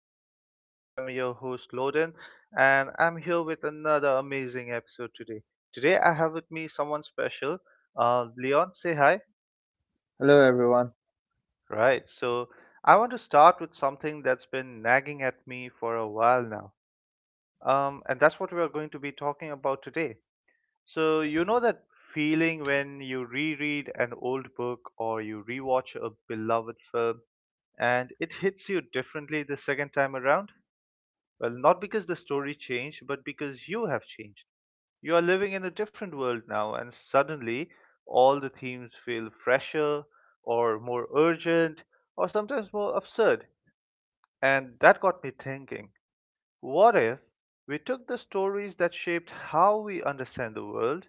show. I am your host, Loden, and I'm here with another amazing episode today. Today, I have with me someone special. Leon, say hi. Hello, everyone. Right, so I want to start with something that's been nagging at me for a while now, and that's what we are going to be talking about today. So, you know that feeling when you reread an old book or you rewatch a beloved film and it hits you differently the second time around? Well, not because the story changed, but because you have changed. You are living in a different world now, and suddenly all the themes feel fresher, or more urgent, or sometimes more absurd. And that got me thinking, what if we took the stories that shaped how we understand the world,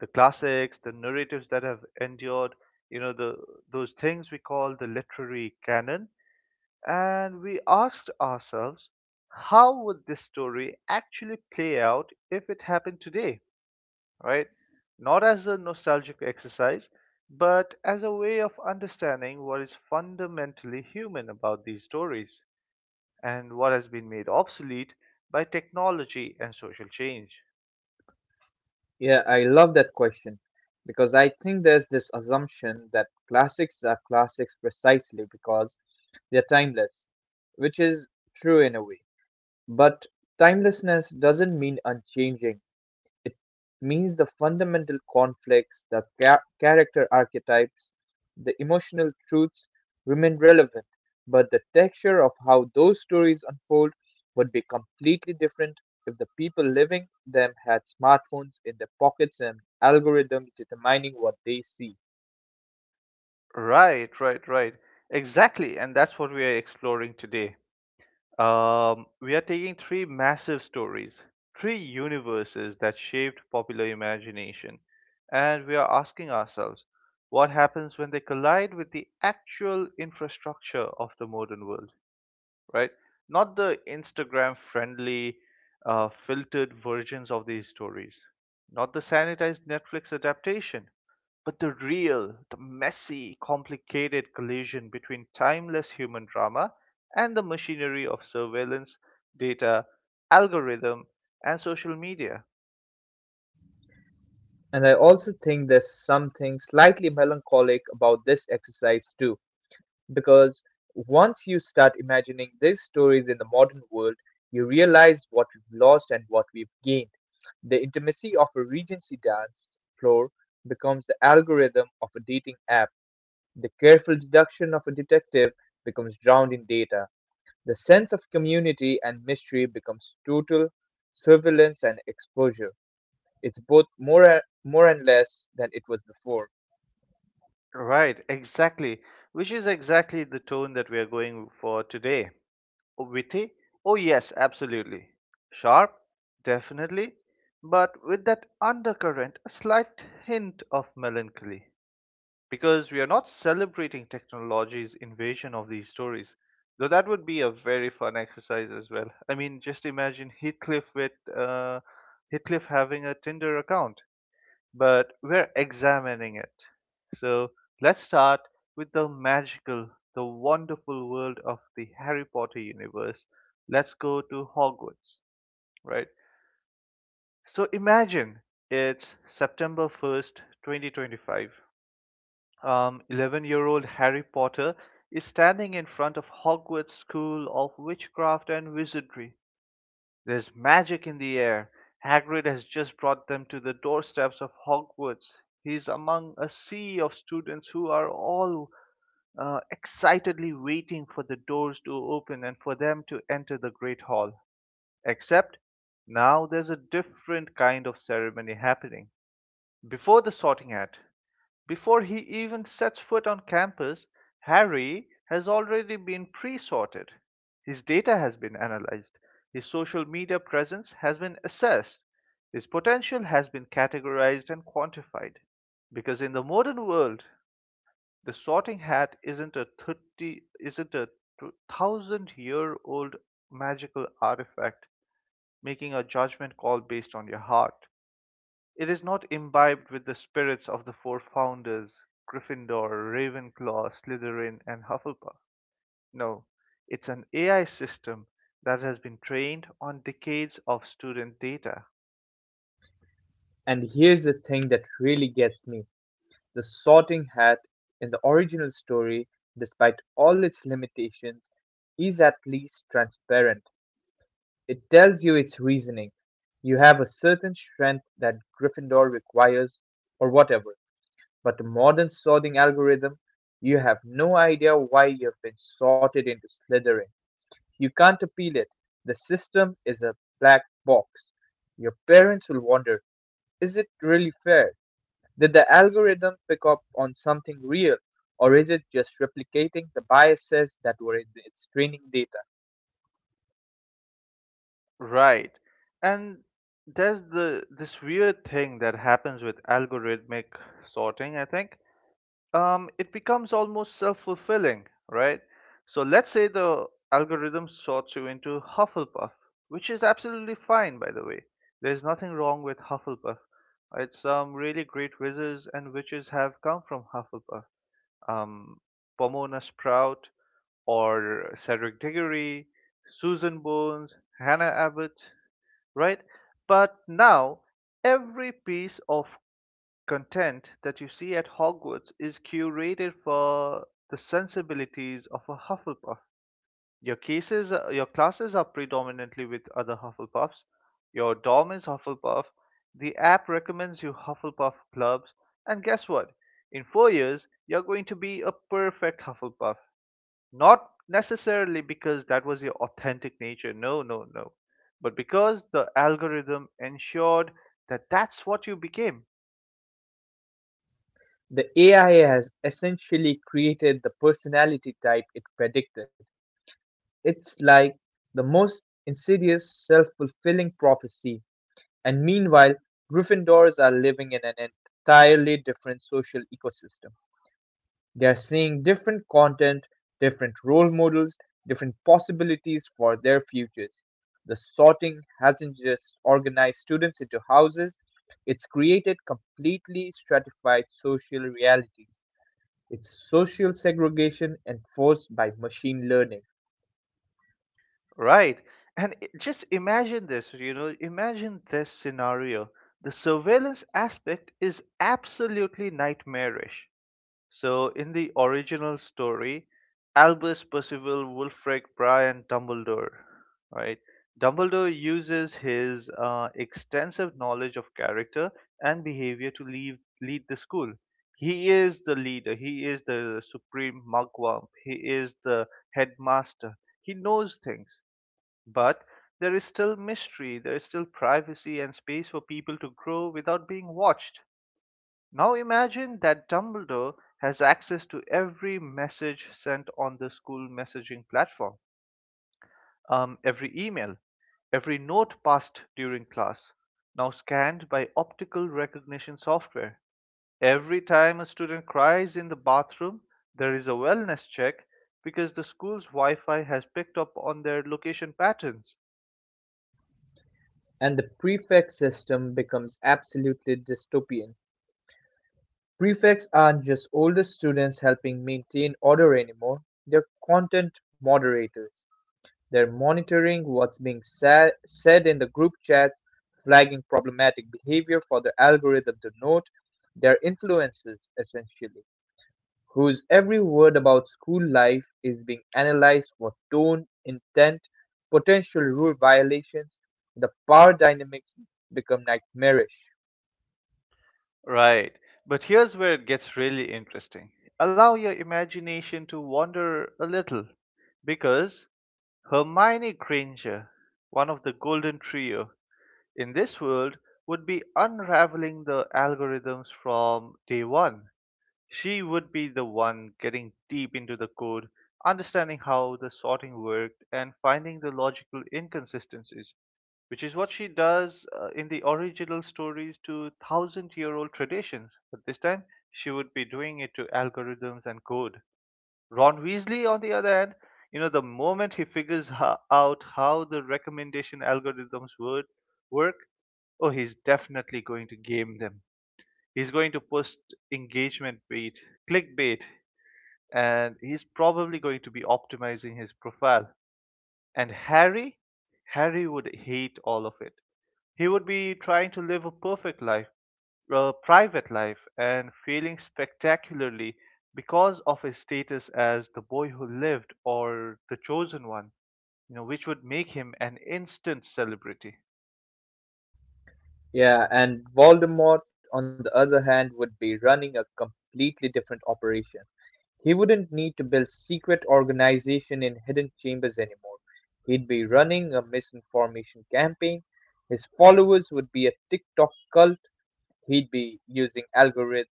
the classics, the narratives that have endured, you know, the, those things we call the literary canon, and we asked ourselves, how would this story actually play out if it happened today, right? Not as a nostalgic exercise, but as a way of understanding what is fundamentally human about these stories and what has been made obsolete by technology and social change. Yeah, I love that question because I think there's this assumption that classics are classics precisely because they're timeless, which is true in a way. But timelessness doesn't mean unchanging. It means the fundamental conflicts, the character archetypes, the emotional truths remain relevant, but the texture of how those stories unfold would be completely different if the people living them had smartphones in their pockets and algorithms determining what they see. Right, right, right. Exactly. And that's what we are exploring today. We are taking three massive stories, three universes that shaped popular imagination, and we are asking ourselves what happens when they collide with the actual infrastructure of the modern world, right? Not the Instagram friendly, filtered versions of these stories, not the sanitized Netflix adaptation, but the real, the messy, complicated collision between timeless human drama and the machinery of surveillance, data, algorithm, and social media. And I also think there's something slightly melancholic about this exercise, too. Because once you start imagining these stories in the modern world, you realize what we've lost and what we've gained. The intimacy of a Regency dance floor becomes the algorithm of a dating app. The careful deduction of a detective becomes drowned in data. The sense of community and mystery becomes total surveillance and exposure. It's both more and less than it was before. Right, exactly. Which is exactly the tone that we are going for today. Witty? Oh, yes, absolutely. Sharp? Definitely. But with that undercurrent, a slight hint of melancholy, because we are not celebrating technology's invasion of these stories. Though that would be a very fun exercise as well. I mean, just imagine Heathcliff with uh, Heathcliff having a Tinder account, but we're examining it. So let's start with the magical, the wonderful world of the Harry Potter universe. Let's go to Hogwarts, right? So imagine it's September 1st, 2025, 11-year-old Harry Potter is standing in front of Hogwarts School of Witchcraft and Wizardry. There's magic in the air. Hagrid has just brought them to the doorsteps of Hogwarts. He's among a sea of students who are all excitedly waiting for the doors to open and for them to enter the Great Hall. Except now there's a different kind of ceremony happening. Before the sorting hat, before he even sets foot on campus, Harry has already been pre sorted. His data has been analyzed, his social media presence has been assessed, his potential has been categorized and quantified. Because in the modern world, the sorting hat isn't a 1,000-year-old magical artifact making a judgment call based on your heart. It is not imbibed with the spirits of the four founders, Gryffindor, Ravenclaw, Slytherin, and Hufflepuff. No, it's an AI system that has been trained on decades of student data. And here's the thing that really gets me. The Sorting Hat in the original story, despite all its limitations, is at least transparent. It tells you its reasoning. You have a certain strength that Gryffindor requires, or whatever. But the modern sorting algorithm, you have no idea why you've been sorted into Slytherin. You can't appeal it. The system is a black box. Your parents will wonder, is it really fair? Did the algorithm pick up on something real, or is it just replicating the biases that were in its training data? Right. And there's the this weird thing that happens with algorithmic sorting, I think. It becomes almost self-fulfilling, right? So let's say the algorithm sorts you into Hufflepuff, which is absolutely fine, by the way. There's nothing wrong with Hufflepuff. Right? Some really great wizards and witches have come from Hufflepuff. Um, Pomona Sprout, or Cedric Diggory, Susan Bones, Hannah Abbott, right? But now every piece of content that you see at Hogwarts is curated for the sensibilities of a Hufflepuff. Your cases, your classes are predominantly with other Hufflepuffs. Your dorm is Hufflepuff. The app recommends you Hufflepuff clubs. And guess what? In 4 years, you're going to be a perfect Hufflepuff. Not necessarily because that was your authentic nature. No, no, no. But because the algorithm ensured that that's what you became. The AI has essentially created the personality type it predicted. It's like the most insidious self fulfilling prophecy, and meanwhile, Gryffindors are living in an entirely different social ecosystem. They're seeing different content, different role models, different possibilities for their futures. The sorting hasn't just organized students into houses, it's created completely stratified social realities. It's social segregation enforced by machine learning. Right. And just imagine this, you know, imagine this scenario. The surveillance aspect is absolutely nightmarish. So, in the original story, Albus, Percival, Wulfric, Brian, Dumbledore, right? Dumbledore uses his extensive knowledge of character and behavior to lead the school. He is the leader, he is the supreme mugwump, he is the headmaster, he knows things, but there is still mystery, there is still privacy and space for people to grow without being watched. Now imagine that Dumbledore has access to every message sent on the school messaging platform, every email, every note passed during class, now scanned by optical recognition software. Every time a student cries in the bathroom, there is a wellness check because the school's Wi Fi has picked up on their location patterns. And the prefect system becomes absolutely dystopian. Prefects aren't just older students helping maintain order anymore, they're content moderators. They're monitoring what's being said in the group chats, flagging problematic behavior for the algorithm to note. They're influences, essentially, whose every word about school life is being analyzed for tone, intent, potential rule violations. The power dynamics become nightmarish. Right. But here's where it gets really interesting. Allow your imagination to wander a little, because Hermione Granger, one of the golden trio in this world, would be unraveling the algorithms from day one. She would be the one getting deep into the code, understanding how the sorting worked, and finding the logical inconsistencies, which is what she does in the original stories to 1,000-year-old traditions, but this time she would be doing it to algorithms and code. Ron Weasley, on the other hand, you know, the moment he figures out how the recommendation algorithms would work, oh, he's definitely going to game them. He's going to post engagement bait, clickbait, and he's probably going to be optimizing his profile. And Harry would hate all of it. He would be trying to live a perfect life, a private life, and failing spectacularly because of his status as the boy who lived or the chosen one, you know, which would make him an instant celebrity. Yeah, and Voldemort, on the other hand, would be running a completely different operation. He wouldn't need to build secret organization in hidden chambers anymore. He'd be running a misinformation campaign. His followers would be a TikTok cult. He'd be using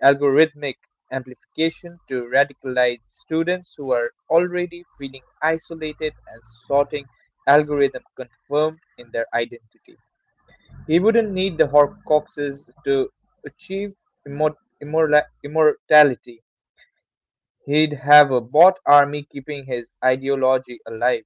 algorithmic amplification to radicalize students who are already feeling isolated and sorting algorithm confirmed in their identity. He wouldn't need the Horcruxes to achieve immor- immortality. He'd have a bot army keeping his ideology alive.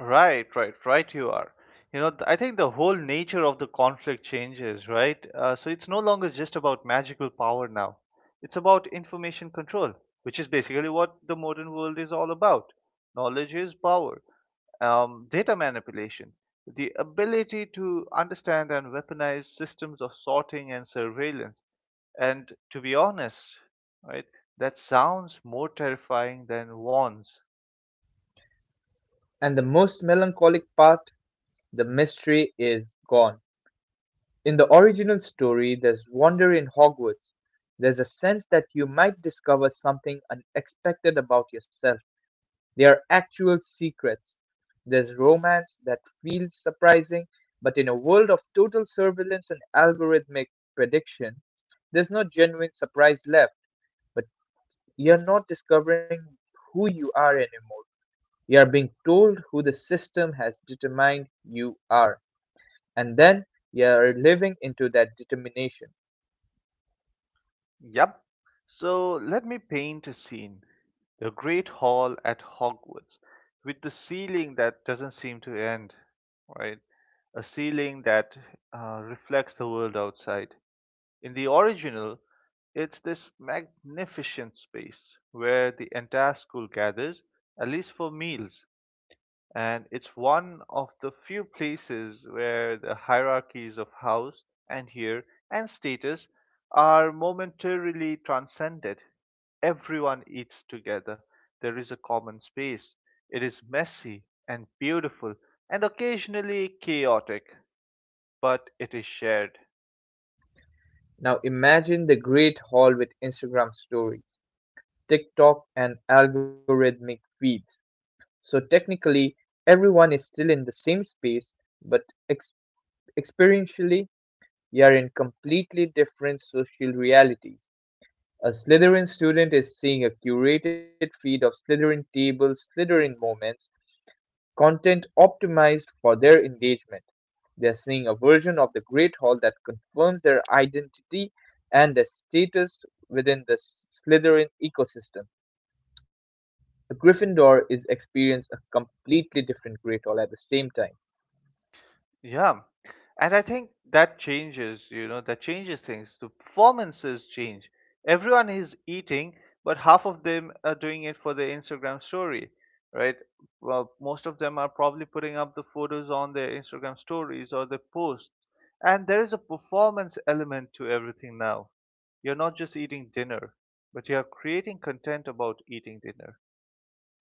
Right, right, right. You are. You know, I think the whole nature of the conflict changes, right? So it's no longer just about magical power now. It's about information control, which is basically what the modern world is all about. Knowledge is power. Data manipulation, the ability to understand and weaponize systems of sorting and surveillance. And to be honest, right, that sounds more terrifying than wands. And the most melancholic part, the mystery is gone. In the original story, there's wonder in Hogwarts. There's a sense that you might discover something unexpected about yourself. There are actual secrets. There's romance that feels surprising, but in a world of total surveillance and algorithmic prediction, there's no genuine surprise left, but you're not discovering who you are anymore. You're being told who the system has determined you are, and then you're living into that determination. Yep. So let me paint a scene. The Great Hall at Hogwarts, with the ceiling that doesn't seem to end, right? A ceiling that reflects the world outside. In the original, it's this magnificent space where the entire school gathers, at least for meals, and it's one of the few places where the hierarchies of house and here and status are momentarily transcended. Everyone eats together. There is a common space. It is messy and beautiful and occasionally chaotic, but it is shared. Now imagine the great hall with Instagram stories, TikTok, and algorithmic feeds. So technically, everyone is still in the same space, but ex- experientially, you're in completely different social realities. A Slytherin student is seeing a curated feed of Slytherin tables, Slytherin moments, content optimized for their engagement. They're seeing a version of the Great Hall that confirms their identity and their status within the Slytherin ecosystem. The Gryffindor is experiencing a completely different Great Hall at the same time. Yeah. And I think that changes, you know, that changes things. The performances change. Everyone is eating, but half of them are doing it for their Instagram story, right? Well, most of them are probably putting up the photos on their Instagram stories or their posts. And there is a performance element to everything now. You're not just eating dinner, but you're creating content about eating dinner,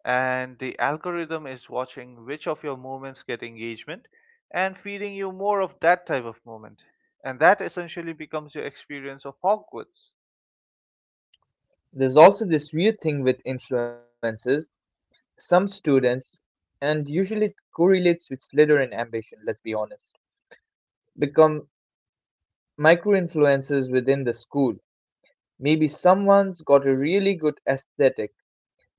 and the algorithm is watching which of your movements get engagement and feeding you more of that type of movement. And that essentially becomes your experience of Hogwarts. There's also this weird thing with influences. Some students, and usually it correlates with Slytherin ambition, let's be honest, become micro influencers within the school. Maybe someone's got a really good aesthetic.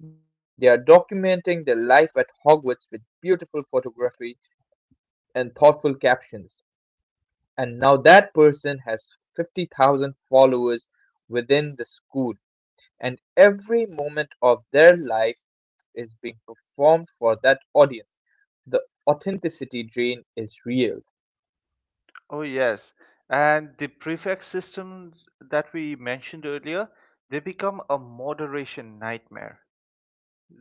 They are documenting their life at Hogwarts with beautiful photography and thoughtful captions. And now that person has 50,000 followers within the school, and every moment of their life is being performed for that audience. The authenticity drain is real. Oh, yes. And the prefix systems that we mentioned earlier, they become a moderation nightmare.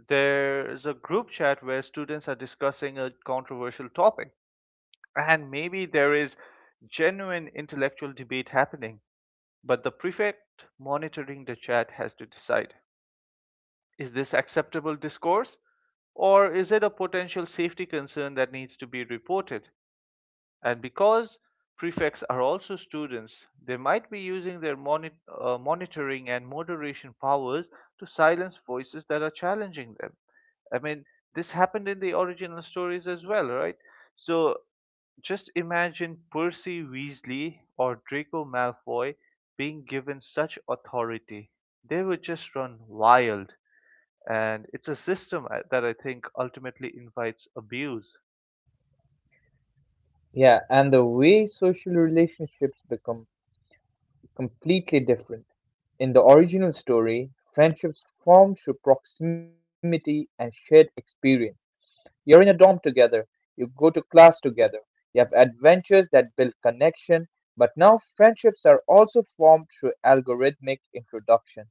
There's a group chat where students are discussing a controversial topic, and maybe there is genuine intellectual debate happening. But the prefect monitoring the chat has to decide, is this acceptable discourse or is it a potential safety concern that needs to be reported? And because prefects are also students, they might be using their monitoring and moderation powers to silence voices that are challenging them. I mean, this happened in the original stories as well, right? So just imagine Percy Weasley or Draco Malfoy being given such authority. They would just run wild. And it's a system that I think ultimately invites abuse. Yeah, and the way social relationships become completely different. In the original story, friendships form through proximity and shared experience. You're in a dorm together, you go to class together, you have adventures that build connection, but now friendships are also formed through algorithmic introduction.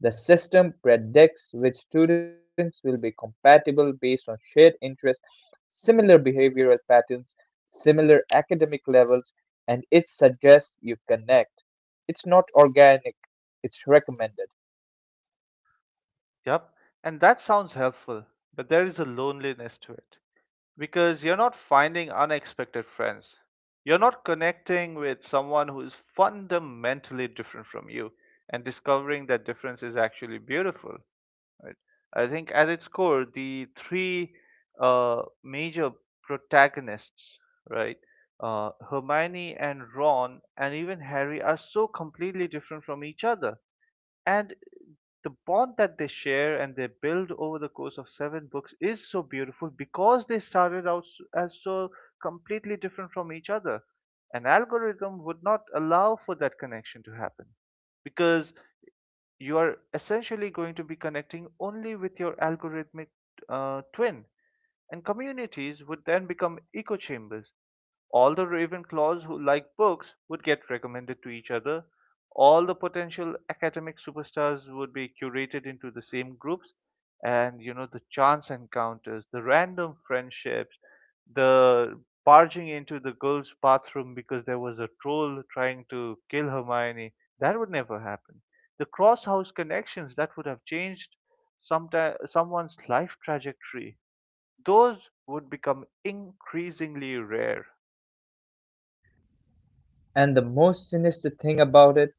The system predicts which students will be compatible based on shared interests, similar behavioral patterns, similar academic levels, and it suggests you connect. It's not organic, it's recommended. Yep. And that sounds helpful, but there is a loneliness to it. Because you're not finding unexpected friends. You're not connecting with someone who is fundamentally different from you and discovering that difference is actually beautiful, right? I think at its core, the three major protagonists, right? Hermione and Ron and even Harry are so completely different from each other. And the bond that they share and they build over the course of seven books is so beautiful because they started out as so completely different from each other. An algorithm would not allow for that connection to happen because you are essentially going to be connecting only with your algorithmic twin, and communities would then become echo chambers. All the Ravenclaws who like books would get recommended to each other. All the potential academic superstars would be curated into the same groups. And, you know, the chance encounters, the random friendships, the barging into the girl's bathroom because there was a troll trying to kill Hermione, that would never happen. The cross house connections that would have changed someti someone's life trajectory, those would become increasingly rare. And the most sinister thing about it,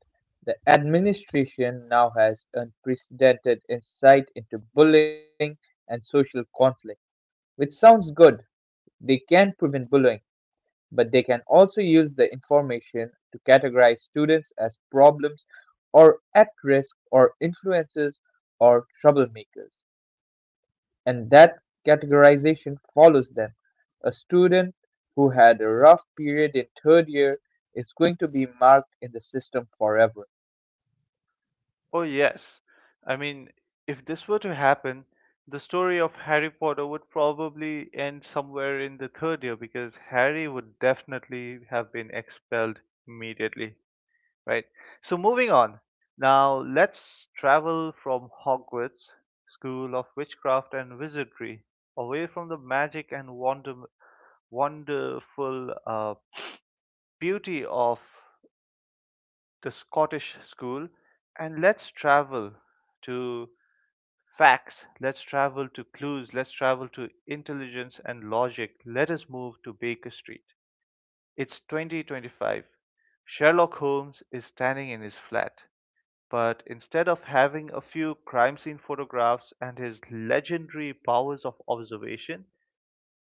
the administration now has unprecedented insight into bullying and social conflict, which sounds good. They can prevent bullying, but they can also use the information to categorize students as problems or at risk or influences or troublemakers. And that categorization follows them. A student who had a rough period in third year is going to be marked in the system forever. Oh, yes. I mean, if this were to happen, the story of Harry Potter would probably end somewhere in the third year because Harry would definitely have been expelled immediately. Right? So moving on. Now let's travel from Hogwarts, School of Witchcraft and Wizardry, away from the magic and wonder, wonderful beauty of the Scottish school, and let's travel to facts, let's travel to clues, let's travel to intelligence and logic. Let us move to Baker Street. It's 2025. Sherlock Holmes is standing in his flat. But instead of having a few crime scene photographs and his legendary powers of observation,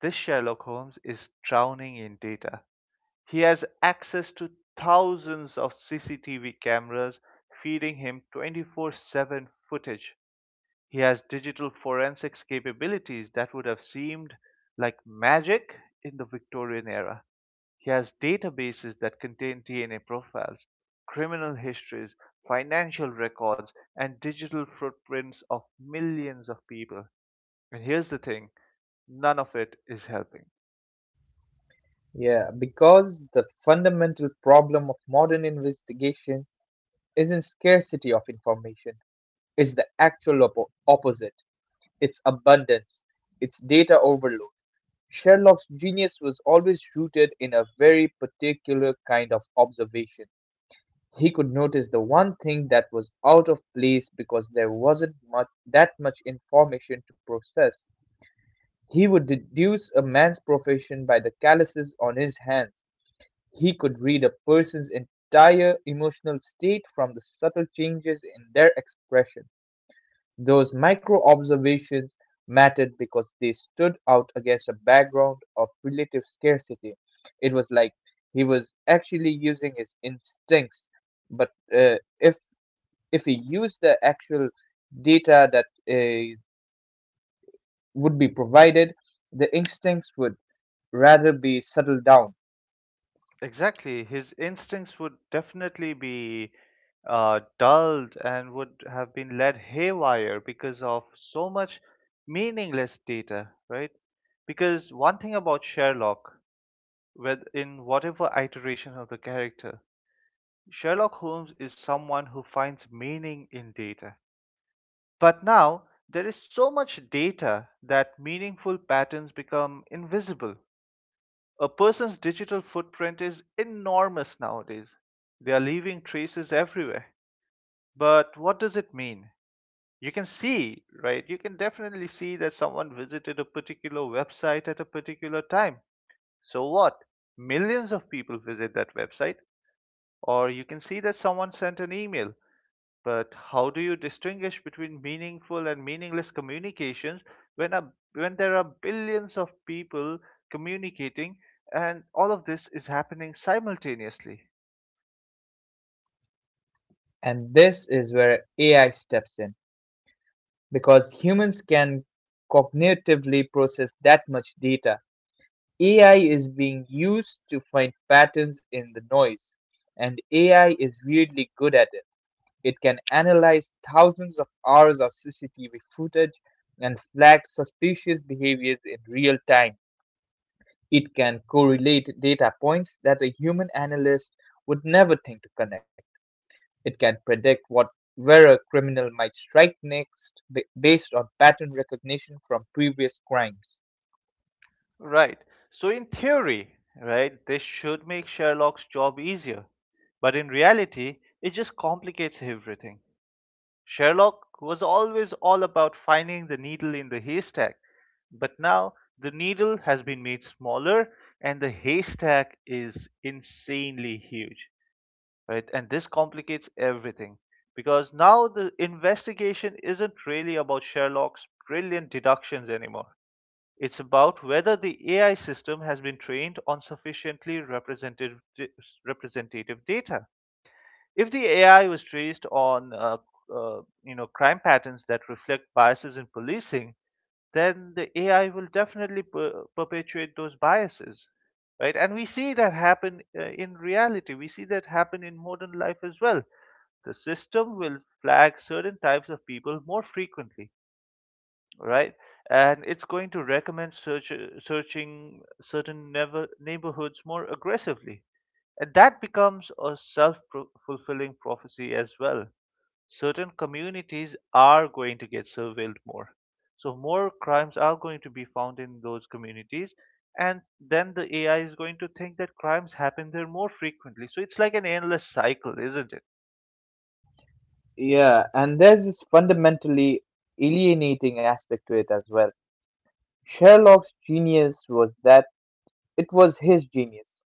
this Sherlock Holmes is drowning in data. He has access to thousands of CCTV cameras feeding him 24/7 footage. He has digital forensics capabilities that would have seemed like magic in the Victorian era. He has databases that contain DNA profiles, criminal histories, financial records, and digital footprints of millions of people. And here's the thing, none of it is helping. Yeah, because the fundamental problem of modern investigation isn't scarcity of information, it's the actual opposite. It's abundance, it's data overload. Sherlock's genius was always rooted in a very particular kind of observation. He could notice the one thing that was out of place because there wasn't much information to process. He would deduce a man's profession by the calluses on his hands. He could read a person's entire emotional state from the subtle changes in their expression. Those micro observations mattered because they stood out against a background of relative scarcity. It was like he was actually using his instincts, but if we use the actual data that uh, would be provided, the instincts would rather be settled down. Exactly. His instincts would definitely be dulled and would have been led haywire because of so much meaningless data, right? Because one thing about Sherlock, with in whatever iteration of the character, Sherlock Holmes is someone who finds meaning in data. But now there is so much data that meaningful patterns become invisible. A person's digital footprint is enormous nowadays. They are leaving traces everywhere. But what does it mean? You can see, right? You can definitely see that someone visited a particular website at a particular time. So what? Millions of people visit that website. Or you can see that someone sent an email. But how do you distinguish between meaningful and meaningless communications when there are billions of people communicating and all of this is happening simultaneously? And this is where AI steps in because humans can cognitively process that much data. AI is being used to find patterns in the noise, and AI is weirdly good at it. It can analyze thousands of hours of CCTV footage and flag suspicious behaviors in real time. It can correlate data points that a human analyst would never think to connect. It can predict what where a criminal might strike next based on pattern recognition from previous crimes. Right. So in theory, right, this should make Sherlock's job easier. But in reality, it just complicates everything. Sherlock was always all about finding the needle in the haystack, but now the needle has been made smaller and the haystack is insanely huge, right? And this complicates everything because now the investigation isn't really about Sherlock's brilliant deductions anymore. It's about whether the AI system has been trained on sufficiently representative data. If the AI was traced on crime patterns that reflect biases in policing, then the AI will definitely perpetuate those biases, right? And we see that happen in reality. We see that happen in modern life as well. The system will flag certain types of people more frequently, right? And it's going to recommend searching certain never, neighborhoods more aggressively, and that becomes a self-fulfilling prophecy as well. Certain communities are going to get surveilled more. So more crimes are going to be found in those communities, and then the AI is going to think that crimes happen there more frequently. So it's like an endless cycle, isn't it? Yeah, and there's this fundamentally alienating aspect to it as well. Sherlock's genius was that it was his genius.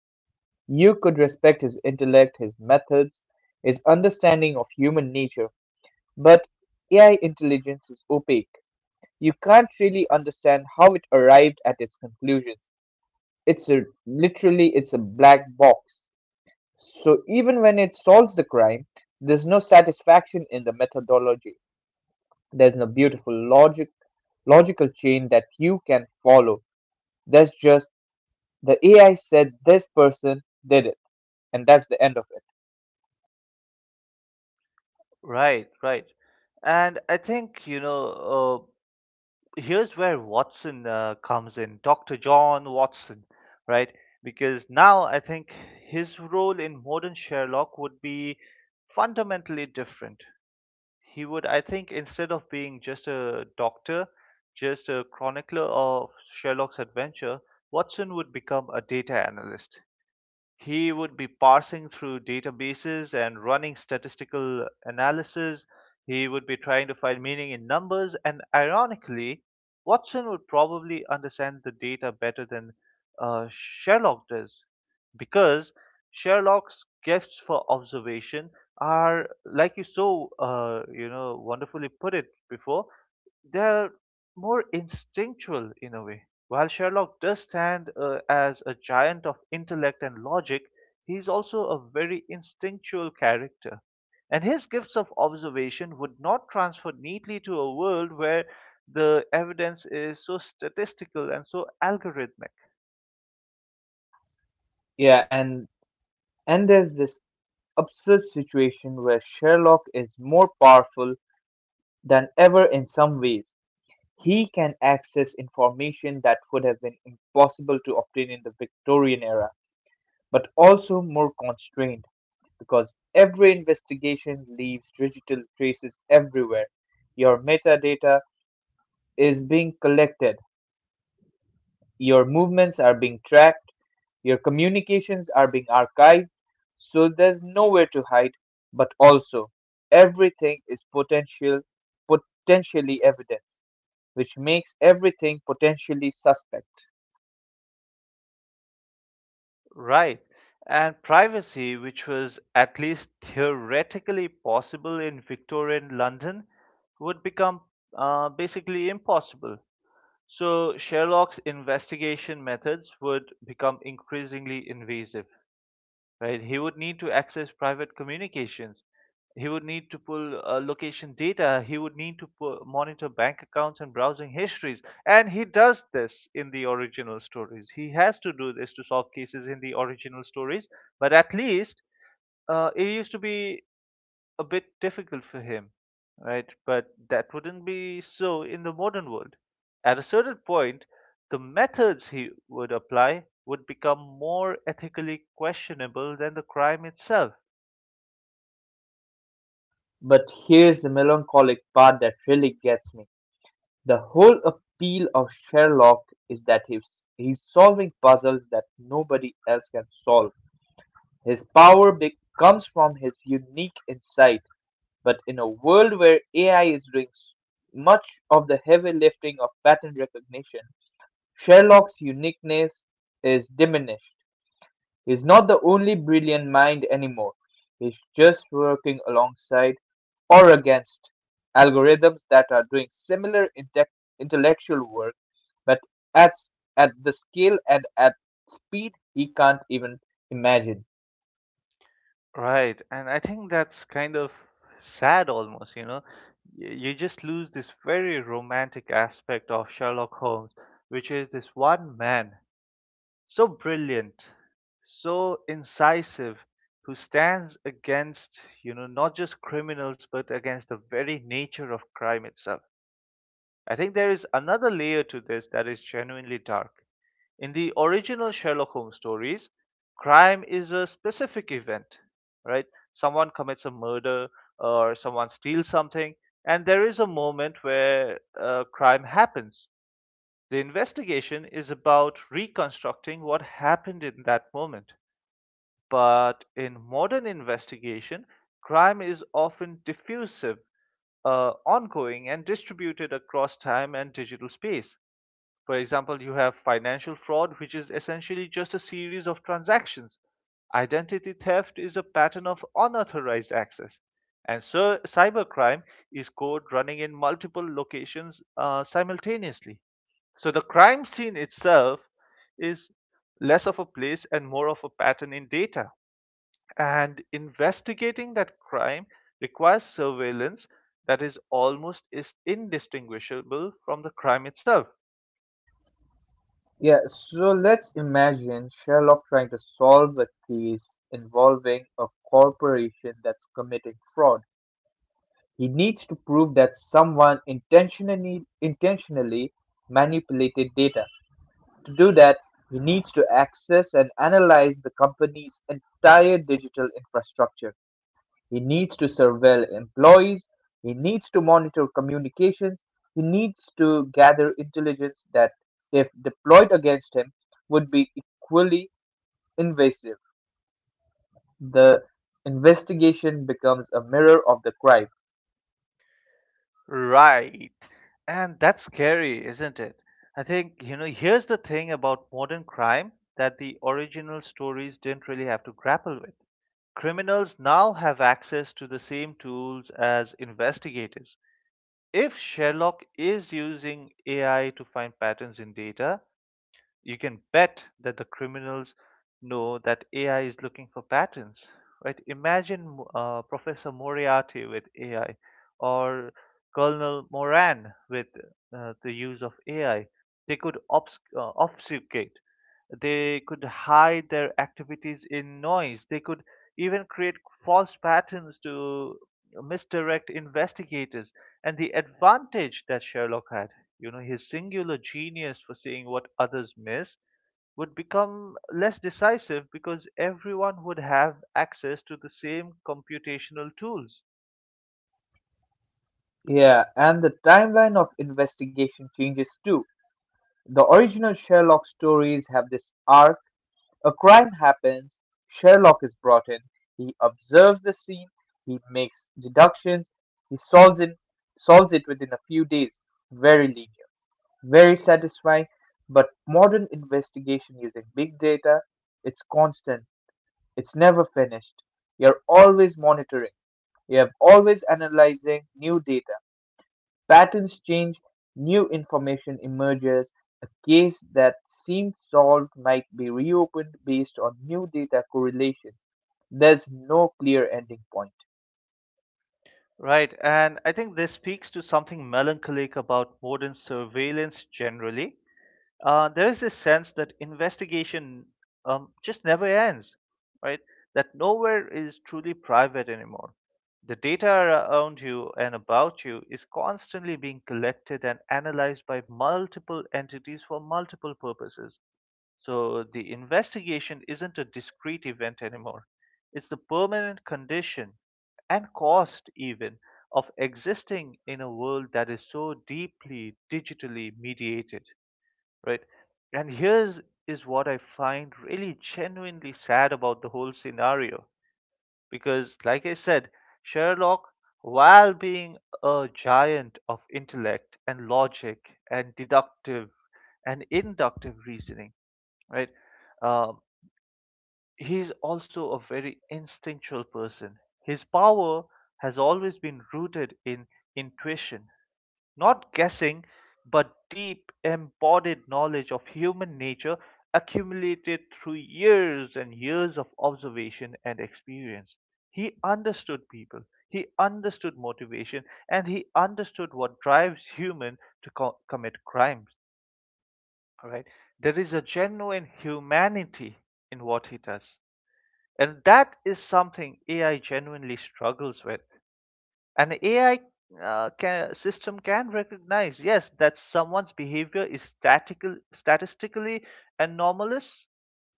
You could respect his intellect, his methods, his understanding of human nature, but AI intelligence is opaque. You can't really understand how it arrived at its conclusions. It's a literally it's a black box. So even when it solves the crime, there's no satisfaction in the methodology. There's no beautiful logical chain that you can follow. That's just the AI said this person did it, and that's the end of it. Right, right. And I think, you know, here's where Watson comes in, Dr. John Watson, right? Because now I think his role in modern Sherlock would be fundamentally different. He would, I think, instead of being just a doctor, just a chronicler of Sherlock's adventure, Watson would become a data analyst. He would be parsing through databases and running statistical analysis. He would be trying to find meaning in numbers. And ironically, Watson would probably understand the data better than Sherlock does, because Sherlock's gifts for observation are, like you wonderfully put it before, they're more instinctual in a way. While Sherlock does stand as a giant of intellect and logic, he's also a very instinctual character. And his gifts of observation would not transfer neatly to a world where the evidence is so statistical and so algorithmic. Yeah, and there's this absurd situation where Sherlock is more powerful than ever in some ways. He can access information that would have been impossible to obtain in the Victorian era, but also more constrained because every investigation leaves digital traces everywhere. Your metadata is being collected, your movements are being tracked, your communications are being archived, so there's nowhere to hide, but also everything is potentially evidence, which makes everything potentially suspect. Right. And privacy, which was at least theoretically possible in Victorian London, would become basically impossible. So Sherlock's investigation methods would become increasingly invasive, right? He would need to access private communications. He would need to pull location data. He would need to monitor bank accounts and browsing histories. And he does this in the original stories. He has to do this to solve cases in the original stories. But at least it used to be a bit difficult for him, right? But that wouldn't be so in the modern world. At a certain point, the methods he would apply would become more ethically questionable than the crime itself. But here's the melancholic part that really gets me. The whole appeal of Sherlock is that he's solving puzzles that nobody else can solve. His power comes from his unique insight, but in a world where AI is doing much of the heavy lifting of pattern recognition, Sherlock's uniqueness is diminished. He's not the only brilliant mind anymore. He's just working alongside or against algorithms that are doing similar intellectual work, but at s- at the scale and at speed he can't even imagine. Right, and I think that's kind of sad almost, you know. You just lose this very romantic aspect of Sherlock Holmes, which is this one man so brilliant, so incisive, who stands against, you know, not just criminals, but against the very nature of crime itself. I think there is another layer to this that is genuinely dark. In the original Sherlock Holmes stories, crime is a specific event, right? Someone commits a murder or someone steals something, and there is a moment where crime happens. The investigation is about reconstructing what happened in that moment. But in modern investigation, crime is often diffusive, ongoing, and distributed across time and digital space. For example, you have financial fraud, which is essentially just a series of transactions. Identity theft is a pattern of unauthorized access. And so cybercrime is code running in multiple locations simultaneously. So the crime scene itself is less of a place and more of a pattern in data. And investigating that crime requires surveillance that is almost is indistinguishable from the crime itself. Yeah, so let's imagine Sherlock trying to solve a case involving a corporation that's committing fraud. He needs to prove that someone intentionally manipulated data. To do that, he needs to access and analyze the company's entire digital infrastructure. He needs to surveil employees, he needs to monitor communications, he needs to gather intelligence that, if deployed against him, would be equally invasive. The investigation becomes a mirror of the crime. Right. And that's scary, isn't it? I think, you know, here's the thing about modern crime that the original stories didn't really have to grapple with. Criminals now have access to the same tools as investigators. If Sherlock is using AI to find patterns in data, you can bet that the criminals know that AI is looking for patterns, right? Imagine Professor Moriarty with AI or Colonel Moran with the use of AI. They could obfuscate, they could hide their activities in noise. They could even create false patterns to misdirect investigators. And the advantage that Sherlock had, you know, his singular genius for seeing what others miss, would become less decisive because everyone would have access to the same computational tools. Yeah, and the timeline of investigation changes too. The original Sherlock stories have this arc. A crime happens, Sherlock is brought in, he observes the scene, he makes deductions, he solves it within a few days. Very linear, very satisfying, but modern investigation using big data, it's constant, it's never finished. You're always monitoring, you have always analyzing new data, patterns change, new information emerges, a case that seemed solved might be reopened based on new data correlations. There's no clear ending point, Right, and I think this speaks to something melancholic about modern surveillance generally. There is this sense that investigation just never ends, right? That nowhere is truly private anymore. The data around you and about you is constantly being collected and analyzed by multiple entities for multiple purposes. So the investigation isn't a discrete event anymore, it's the permanent condition and cost, even, of existing in a world that is so deeply digitally mediated, right? And here's is what I find really genuinely sad about the whole scenario, because, like I said, Sherlock, while being a giant of intellect and logic and deductive and inductive reasoning, right? Um, he's also a very instinctual person. His power has always been rooted in intuition, not guessing, but deep embodied knowledge of human nature accumulated through years and years of observation and experience. He understood people, he understood motivation, and he understood what drives human to commit crimes. All right, there is a genuine humanity in what he does, and that is something AI genuinely struggles with. An AI system can recognize, yes, that someone's behavior is statistically anomalous,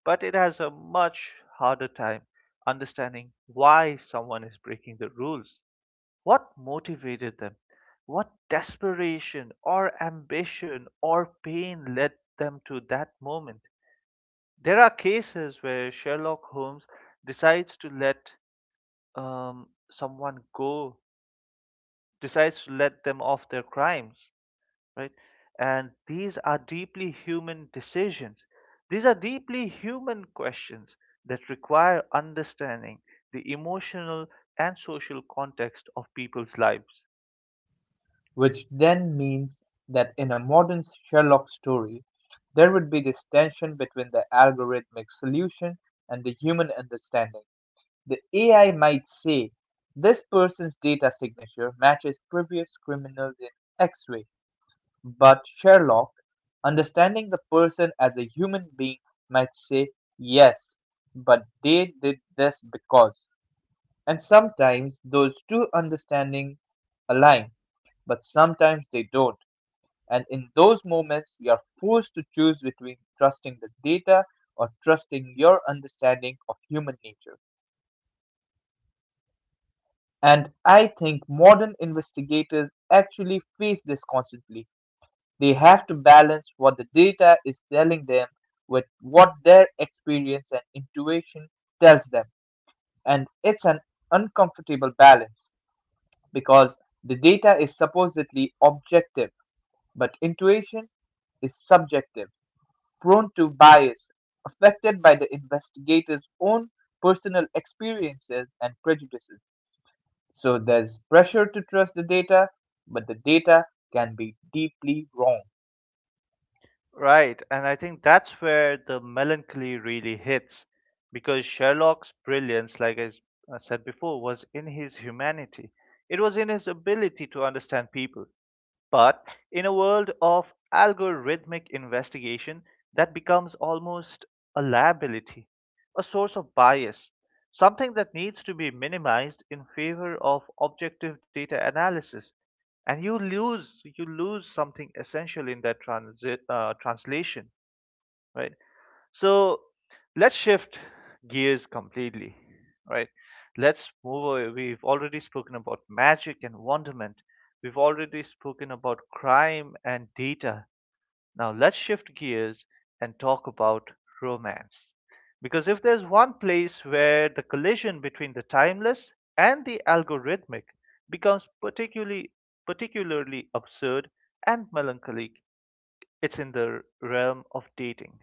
but it has a much harder time understanding why someone is breaking the rules, what motivated them, what desperation or ambition or pain led them to that moment. There are cases where Sherlock Holmes decides to let someone go, decides to let them off their crimes, right? And these are deeply human decisions. These are deeply human questions that require understanding the emotional and social context of people's lives. which then means that in a modern Sherlock story, there would be this tension between the algorithmic solution and the human understanding. The AI might say, this person's data signature matches previous criminals in X way, but Sherlock, understanding the person as a human being, might say, yes, but they did this because. And sometimes those two understandings align, but sometimes they don't. And in those moments, you are forced to choose between trusting the data or trusting your understanding of human nature. And I think modern investigators actually face this constantly. They have to balance what the data is telling them with what their experience and intuition tells them. And it's an uncomfortable balance because the data is supposedly objective, but intuition is subjective, prone to bias, affected by the investigator's own personal experiences and prejudices. So there's pressure to trust the data, but the data can be deeply wrong. Right, and I think that's where the melancholy really hits, because Sherlock's brilliance, like I said before, was in his humanity. It was in his ability to understand people. But in a world of algorithmic investigation, that becomes almost a liability, a source of bias, something that needs to be minimized in favor of objective data analysis. And you lose something essential in that translation, right? So let's shift gears completely, right? Let's move away. We've already spoken about magic and wonderment. We've already spoken about crime and data. Now let's shift gears and talk about romance. Because if there's one place where the collision between the timeless and the algorithmic becomes particularly absurd and melancholic, it's in the realm of dating.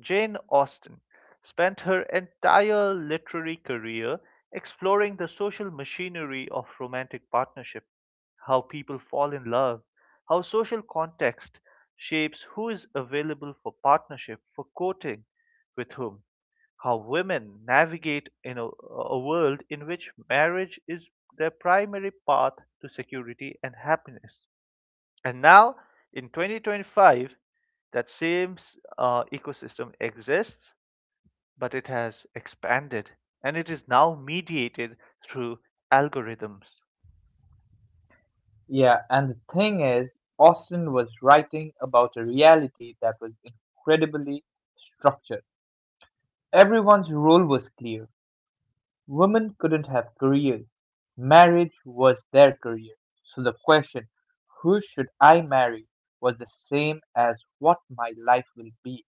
Jane Austen spent her entire literary career exploring the social machinery of romantic partnership, how people fall in love, how social context shapes who is available for partnership, for courting, with whom, how women navigate in a world in which marriage is their primary path to security and happiness. And now in 2025, that same ecosystem exists, but it has expanded and it is now mediated through algorithms. Yeah, and the thing is, Austen was writing about a reality that was incredibly structured. Everyone's role was clear. Women couldn't have careers. Marriage was their career. So the question, who should I marry, was the same as what my life will be.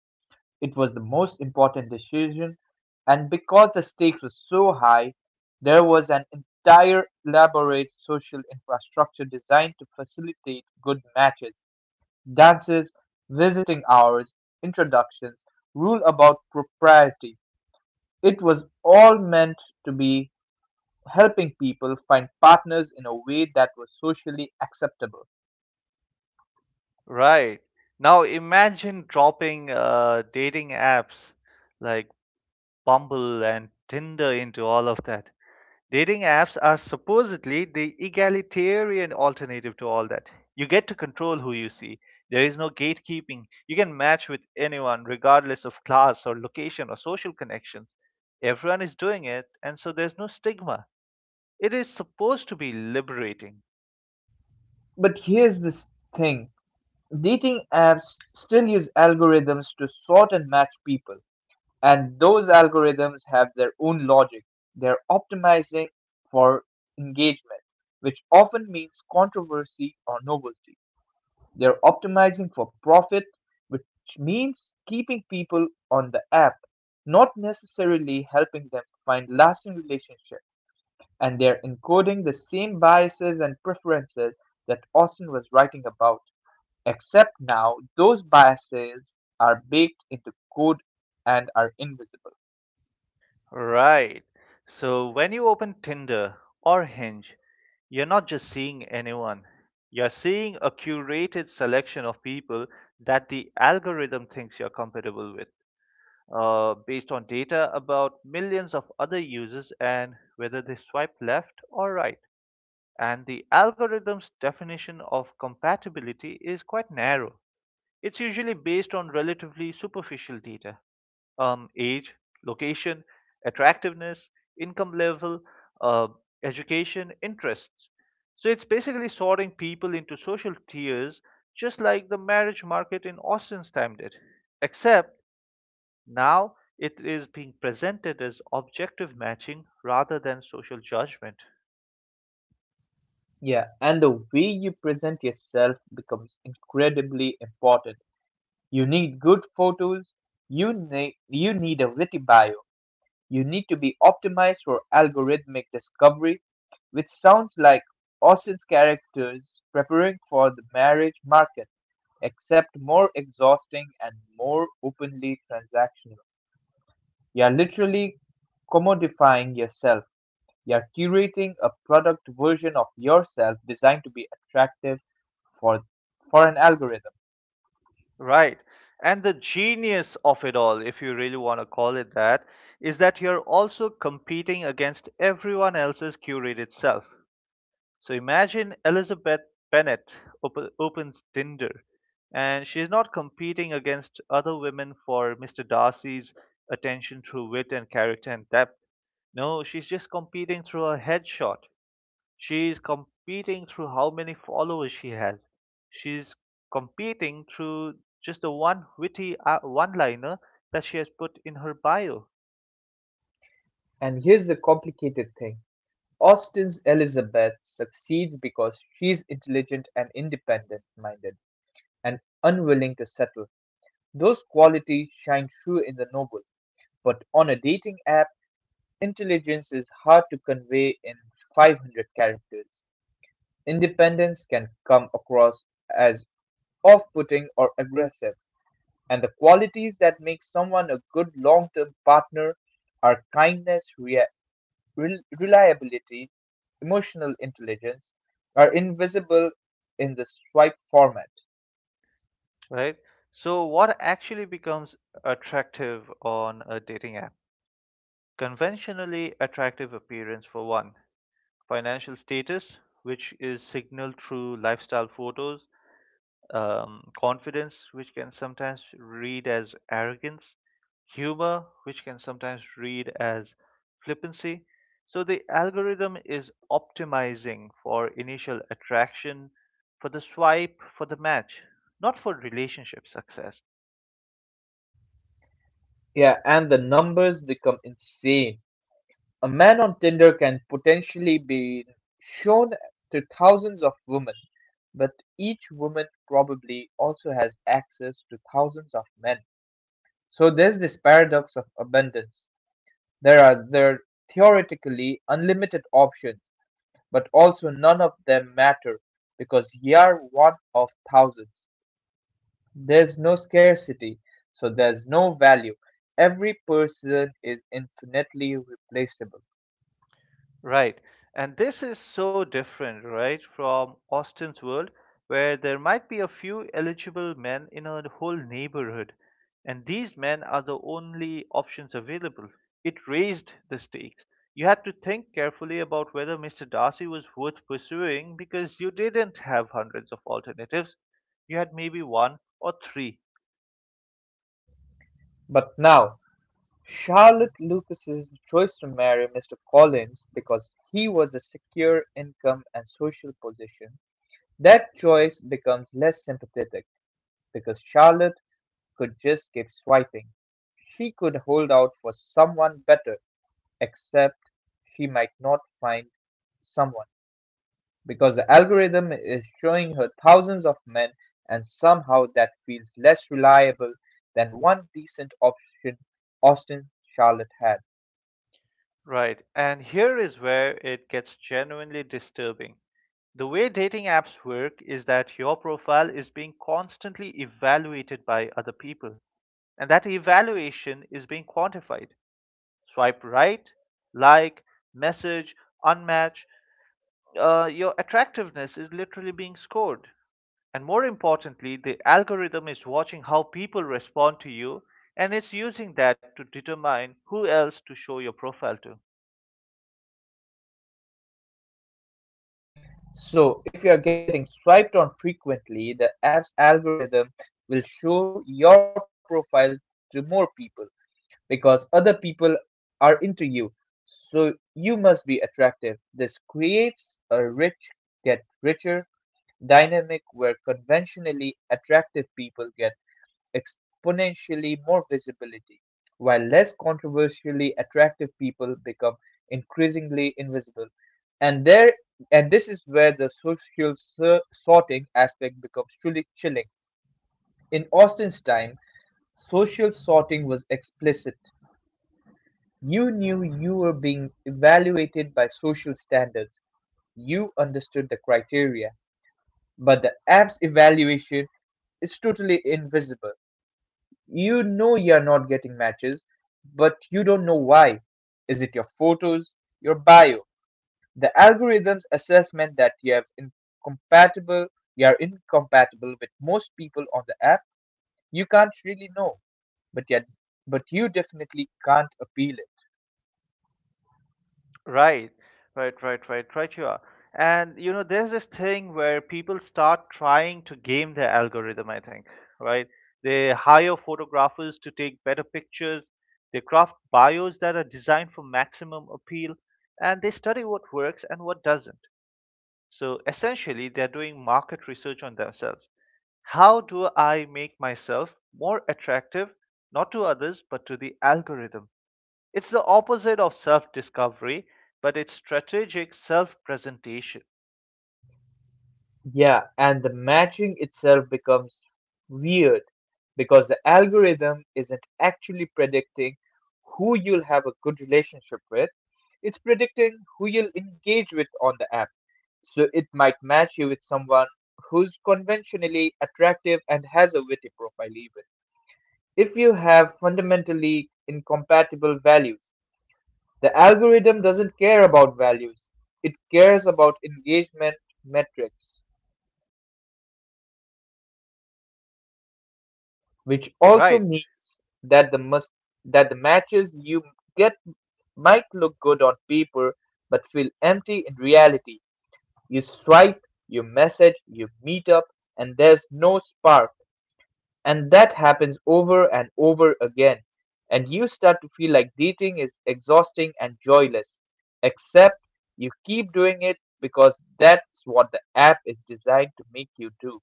It was the most important decision, and because the stakes were so high, there was an entire elaborate social infrastructure designed to facilitate good matches: dances, visiting hours, introductions, rule about propriety. It was all meant to be helping people find partners in a way that was socially acceptable. Right. Now imagine dropping dating apps like Bumble and Tinder into all of that. Dating apps are supposedly the egalitarian alternative to all that. You get to control who you see. There is no gatekeeping. You can match with anyone, regardless of class or location or social connections. Everyone is doing it, and so there's no stigma. It is supposed to be liberating. But here's this thing, dating apps still use algorithms to sort and match people. And those algorithms have their own logic. They're optimizing for engagement, which often means controversy or novelty. They're optimizing for profit, which means keeping people on the app, not necessarily helping them find lasting relationships. And they're encoding the same biases and preferences that Austin was writing about, except now those biases are baked into code and are invisible. Right. So when you open Tinder or Hinge, you're not just seeing anyone, you're seeing a curated selection of people that the algorithm thinks you're compatible with, based on data about millions of other users and whether they swipe left or right. And the algorithm's definition of compatibility is quite narrow. It's usually based on relatively superficial data: age, location, attractiveness, income level, uh, education, interests. So it's basically sorting people into social tiers, just like the marriage market in Austin's time did. Except now it is being presented as objective matching rather than social judgment. Yeah, and the way you present yourself becomes incredibly important. You need good photos, you need a witty bio. You need to be optimized for algorithmic discovery, which sounds like Austin's characters preparing for the marriage market, except more exhausting and more openly transactional. You are literally commodifying yourself. You are curating a product version of yourself designed to be attractive for for an algorithm. Right. And the genius of it all, if you really want to call it that, is that you're also competing against everyone else's curated self. So imagine Elizabeth Bennet opens Tinder, and she's not competing against other women for Mr. Darcy's attention through wit and character and depth. No, she's just competing through a headshot. She is competing through how many followers she has. She's competing through just the one witty one liner that she has put in her bio, And here's the complicated thing. Austen's Elizabeth succeeds because she's intelligent and independent minded and unwilling to settle. Those qualities shine true in the novel, but on a dating app, intelligence is hard to convey in 500 characters. Independence can come across as off putting or aggressive, and the qualities that make someone a good long term partner are kindness, reliability, emotional intelligence, are invisible in the swipe format. right? So what actually becomes attractive on a dating app? Conventionally attractive appearance for one, financial status, which is signaled through lifestyle photos, confidence, which can sometimes read as arrogance, humor, which can sometimes read as flippancy. So the algorithm is optimizing for initial attraction, for the swipe, for the match, not for relationship success. Yeah, and the numbers become insane. A man on Tinder can potentially be shown to thousands of women, but each woman probably also has access to thousands of men. So there's this paradox of abundance. There are theoretically unlimited options, but also none of them matter because you're one of thousands. There's no scarcity, so there's no value. Every person is infinitely replaceable. Right. And this is so different, right, from Austin's world, where there might be a few eligible men in a whole neighborhood, and these men are the only options available. It raised the stakes. You had to think carefully about whether Mr. Darcy was worth pursuing because you didn't have hundreds of alternatives. You had maybe one or three. But now, Charlotte Lucas's choice to marry Mr. Collins because he was a secure income and social position, that choice becomes less sympathetic because Charlotte could just keep swiping. She could hold out for someone better, except she might not find someone, because the algorithm is showing her thousands of men, and somehow that feels less reliable than one decent option Austin Charlotte had. Right. And here is where it gets genuinely disturbing. The way dating apps work is that your profile is being constantly evaluated by other people, and that evaluation is being quantified. Swipe right, like, message, unmatch. Your attractiveness is literally being scored. And more importantly, the algorithm is watching how people respond to you, and it's using that to determine who else to show your profile to. So, if you are getting swiped on frequently, the app's algorithm will show your profile to more people because other people are into you. So, you must be attractive. This creates a rich get richer dynamic where conventionally attractive people get exponentially more visibility, while less controversially attractive people become increasingly invisible. And there and this is where the social sorting aspect becomes truly chilling. In Austin's time, social sorting was explicit. You knew you were being evaluated by social standards. You understood the criteria. But the app's evaluation, it's totally invisible. You know you're not getting matches, but you don't know why. Is it your photos, your bio, the algorithm's assessment that you have incompatible, you are incompatible with most people on the app? You can't really know, but yet, but you definitely can't appeal it. Right, right, right, right, right. You are. And, you know, there's this thing where people start trying to game their algorithm, I think, right? They hire photographers to take better pictures, they craft bios that are designed for maximum appeal, and they study what works and what doesn't. So essentially, they're doing market research on themselves. How do I make myself more attractive, not to others, but to the algorithm? It's the opposite of self discovery, but it's strategic self presentation, Yeah, and the matching itself becomes weird because the algorithm isn't actually predicting who you'll have a good relationship with. It's predicting who you'll engage with on the app. So it might match you with someone who's conventionally attractive and has a witty profile, even. If you have fundamentally incompatible values, the algorithm doesn't care about values, it cares about engagement metrics. Which also right? means that the must that the matches you get might look good on paper but feel empty in reality. You swipe, you message, you meet up, and there's no spark. And that happens over and over again. And you start to feel like dating is exhausting and joyless. Except you keep doing it because that's what the app is designed to make you do.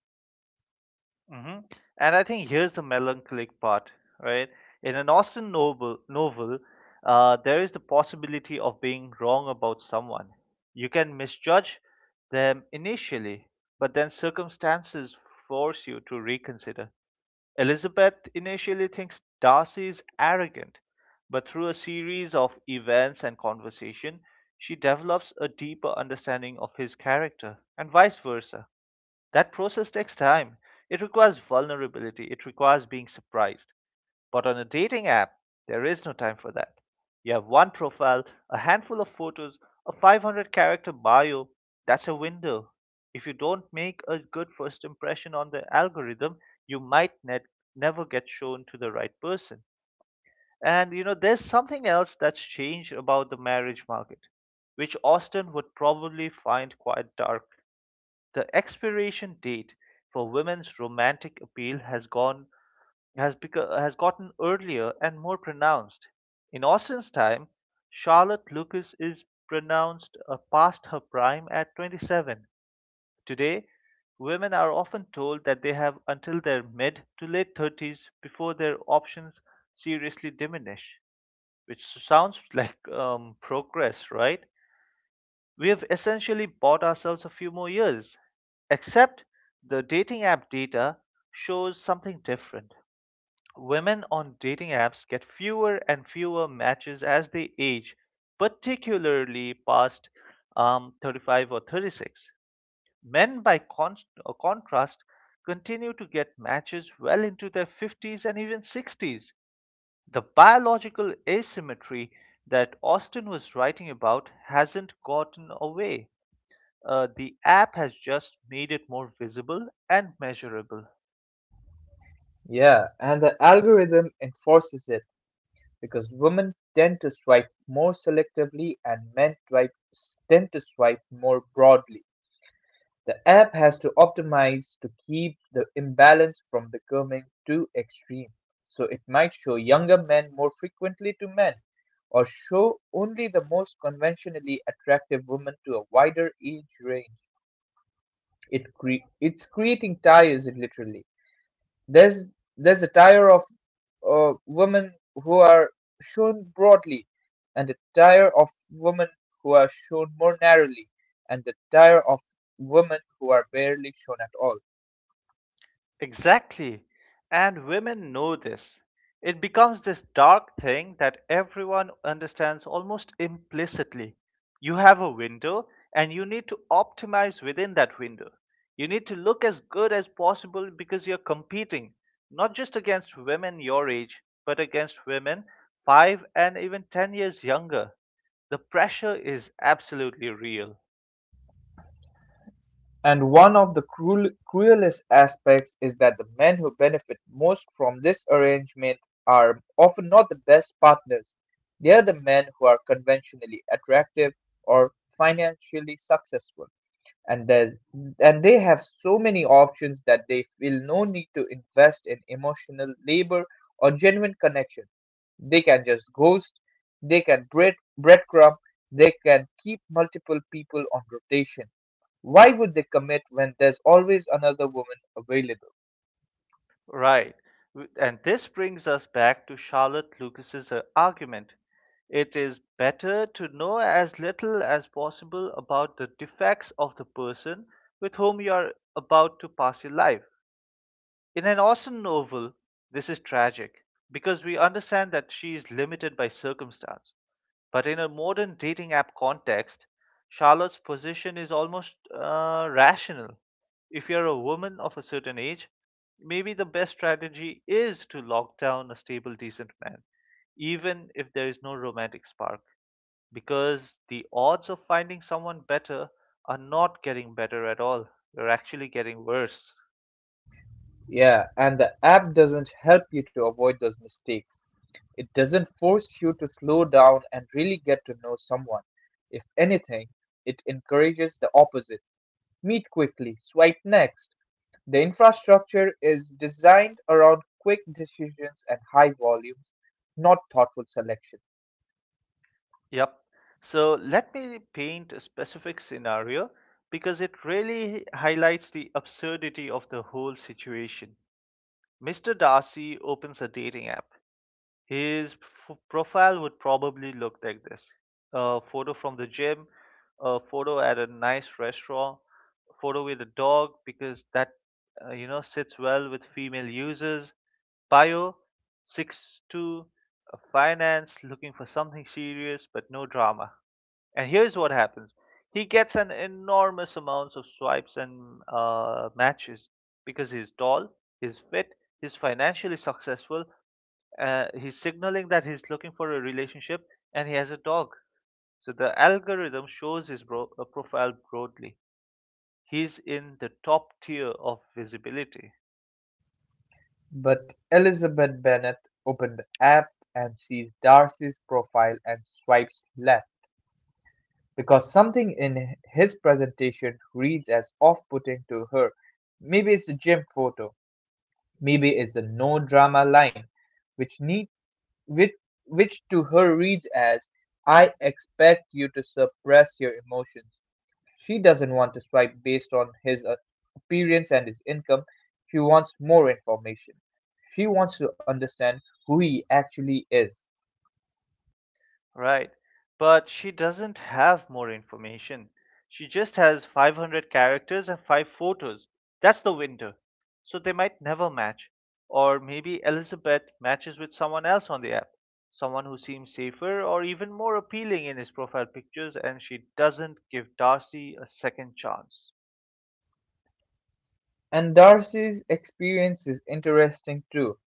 Hmm. And I think here's the melancholic part, right? In an Austen novel, there is the possibility of being wrong about someone. You can misjudge them initially, but then circumstances force you to reconsider. Elizabeth initially thinks Darcy is arrogant, but through a series of events and conversation, she develops a deeper understanding of his character, and vice versa. That process takes time. It requires vulnerability, it requires being surprised. But on a dating app, there is no time for that. You have one profile, a handful of photos, a 500 character bio. That's a window. If you don't make a good first impression on the algorithm, you might net never get shown to the right person. And, you know, there's something else that's changed about the marriage market, which Austin would probably find quite dark. The expiration date for women's romantic appeal has gone has become has gotten earlier and more pronounced. In Austen's time, Charlotte Lucas is pronounced, past her prime at 27. Today, women are often told that they have until their mid to late 30s before their options seriously diminish, which sounds like, progress, right? We have essentially bought ourselves a few more years, except the dating app data shows something different. Women on dating apps get fewer and fewer matches as they age, particularly past 35 or 36. Men, by contrast, continue to get matches well into their 50s and even 60s. The biological asymmetry that Austin was writing about hasn't gotten away. The app has just made it more visible and measurable. Yeah, and the algorithm enforces it, because women tend to swipe more selectively and tend to swipe more broadly. The app has to optimize to keep the imbalance from becoming too extreme. So it might show younger men more frequently to men, or show only the most conventionally attractive women to a wider age range. It's creating tires literally. There's there's a tire of women who are shown broadly, and a tire of women who are shown more narrowly, and the tire of women who are barely shown at all. Exactly. And women know this. It becomes this dark thing that everyone understands almost implicitly. You have a window, and you need to optimize within that window. You need to look as good as possible because you're competing, not just against women your age, but against women five and even 10 years younger. The pressure is absolutely real. And one of the cruel, cruelest aspects is that the men who benefit most from this arrangement are often not the best partners. They are the men who are conventionally attractive or financially successful. and there's and they have so many options that they feel no need to invest in emotional labor or genuine connection. They can just ghost, they can breadcrumb, they can keep multiple people on rotation. Why would they commit when there's always another woman available? Right. And this brings us back to Charlotte Lucas's argument. It is better to know as little as possible about the defects of the person with whom you are about to pass your life. In an Austen novel, this is tragic, because we understand that she is limited by circumstance, but in a modern dating app context, Charlotte's position is almost rational. If you're a woman of a certain age, maybe the best strategy is to lock down a stable, decent man, even if there is no romantic spark, because the odds of finding someone better are not getting better at all. You're actually getting worse. Yeah, and the app doesn't help you to avoid those mistakes. It doesn't force you to slow down and really get to know someone. If anything, it encourages the opposite. Meet quickly, swipe next. The infrastructure is designed around quick decisions and high volumes, not thoughtful selection. Yep. So let me paint a specific scenario because it really highlights the absurdity of the whole situation. Mr. Darcy opens a dating app. His profile would probably look like this: a photo from the gym, a photo at a nice restaurant, a photo with a dog, because that, you know, sits well with female users, bio, 6'2", finance, looking for something serious but no drama. And here's what happens: he gets an enormous amounts of swipes and, matches because he's tall, he's fit, he's financially successful. He's signaling that he's looking for a relationship, and he has a dog. So the algorithm shows his profile broadly. He's in the top tier of visibility. But Elizabeth Bennet opened the app and sees Darcy's profile and swipes left because something in his presentation reads as off putting to her. Maybe it's a gym photo, maybe it's a no drama line, which which, which to her reads as, I expect you to suppress your emotions. She doesn't want to swipe based on his appearance and his income. She wants more information. She wants to understand who he actually is. Right. But she doesn't have more information. She just has 500 characters and 5 photos. That's the window. So they might never match. Or maybe Elizabeth matches with someone else on the app. Someone who seems safer or even more appealing in his profile pictures, and she doesn't give Darcy a second chance. And Darcy's experience is interesting too.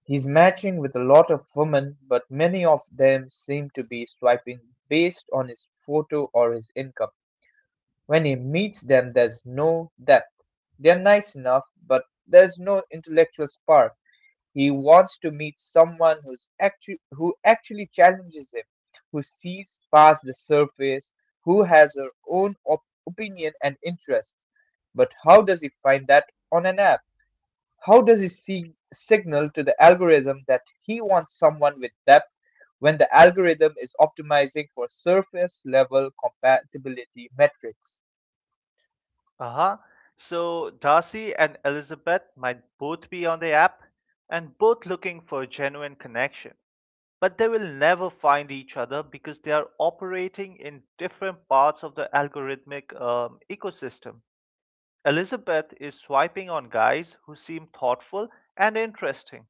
He's matching with a lot of women, but many of them seem to be swiping based on his photo or his income. When he meets them, there's no depth. They're nice enough, but there's no intellectual spark. He wants to meet someone who actually challenges him, who sees past the surface, who has her own opinion and interest. But how does he find that on an app? How does he signal to the algorithm that he wants someone with depth when the algorithm is optimizing for surface level compatibility metrics? Uh huh. So Darcy and Elizabeth might both be on the app and both looking for a genuine connection, but they will never find each other because they are operating in different parts of the algorithmic, ecosystem. Elizabeth is swiping on guys who seem thoughtful and interesting.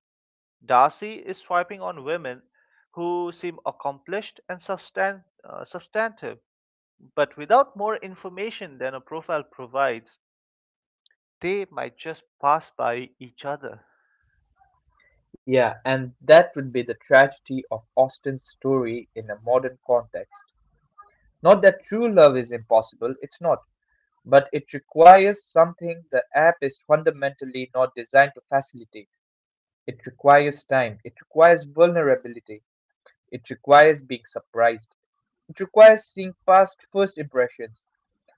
Darcy is swiping on women who seem accomplished and substantive. But without more information than a profile provides, they might just pass by each other. Yeah, and that would be the tragedy of Austen's story in a modern context. Not that true love is impossible, it's not, but it requires something the app is fundamentally not designed to facilitate. It requires time, it requires vulnerability, it requires being surprised, it requires seeing past first impressions,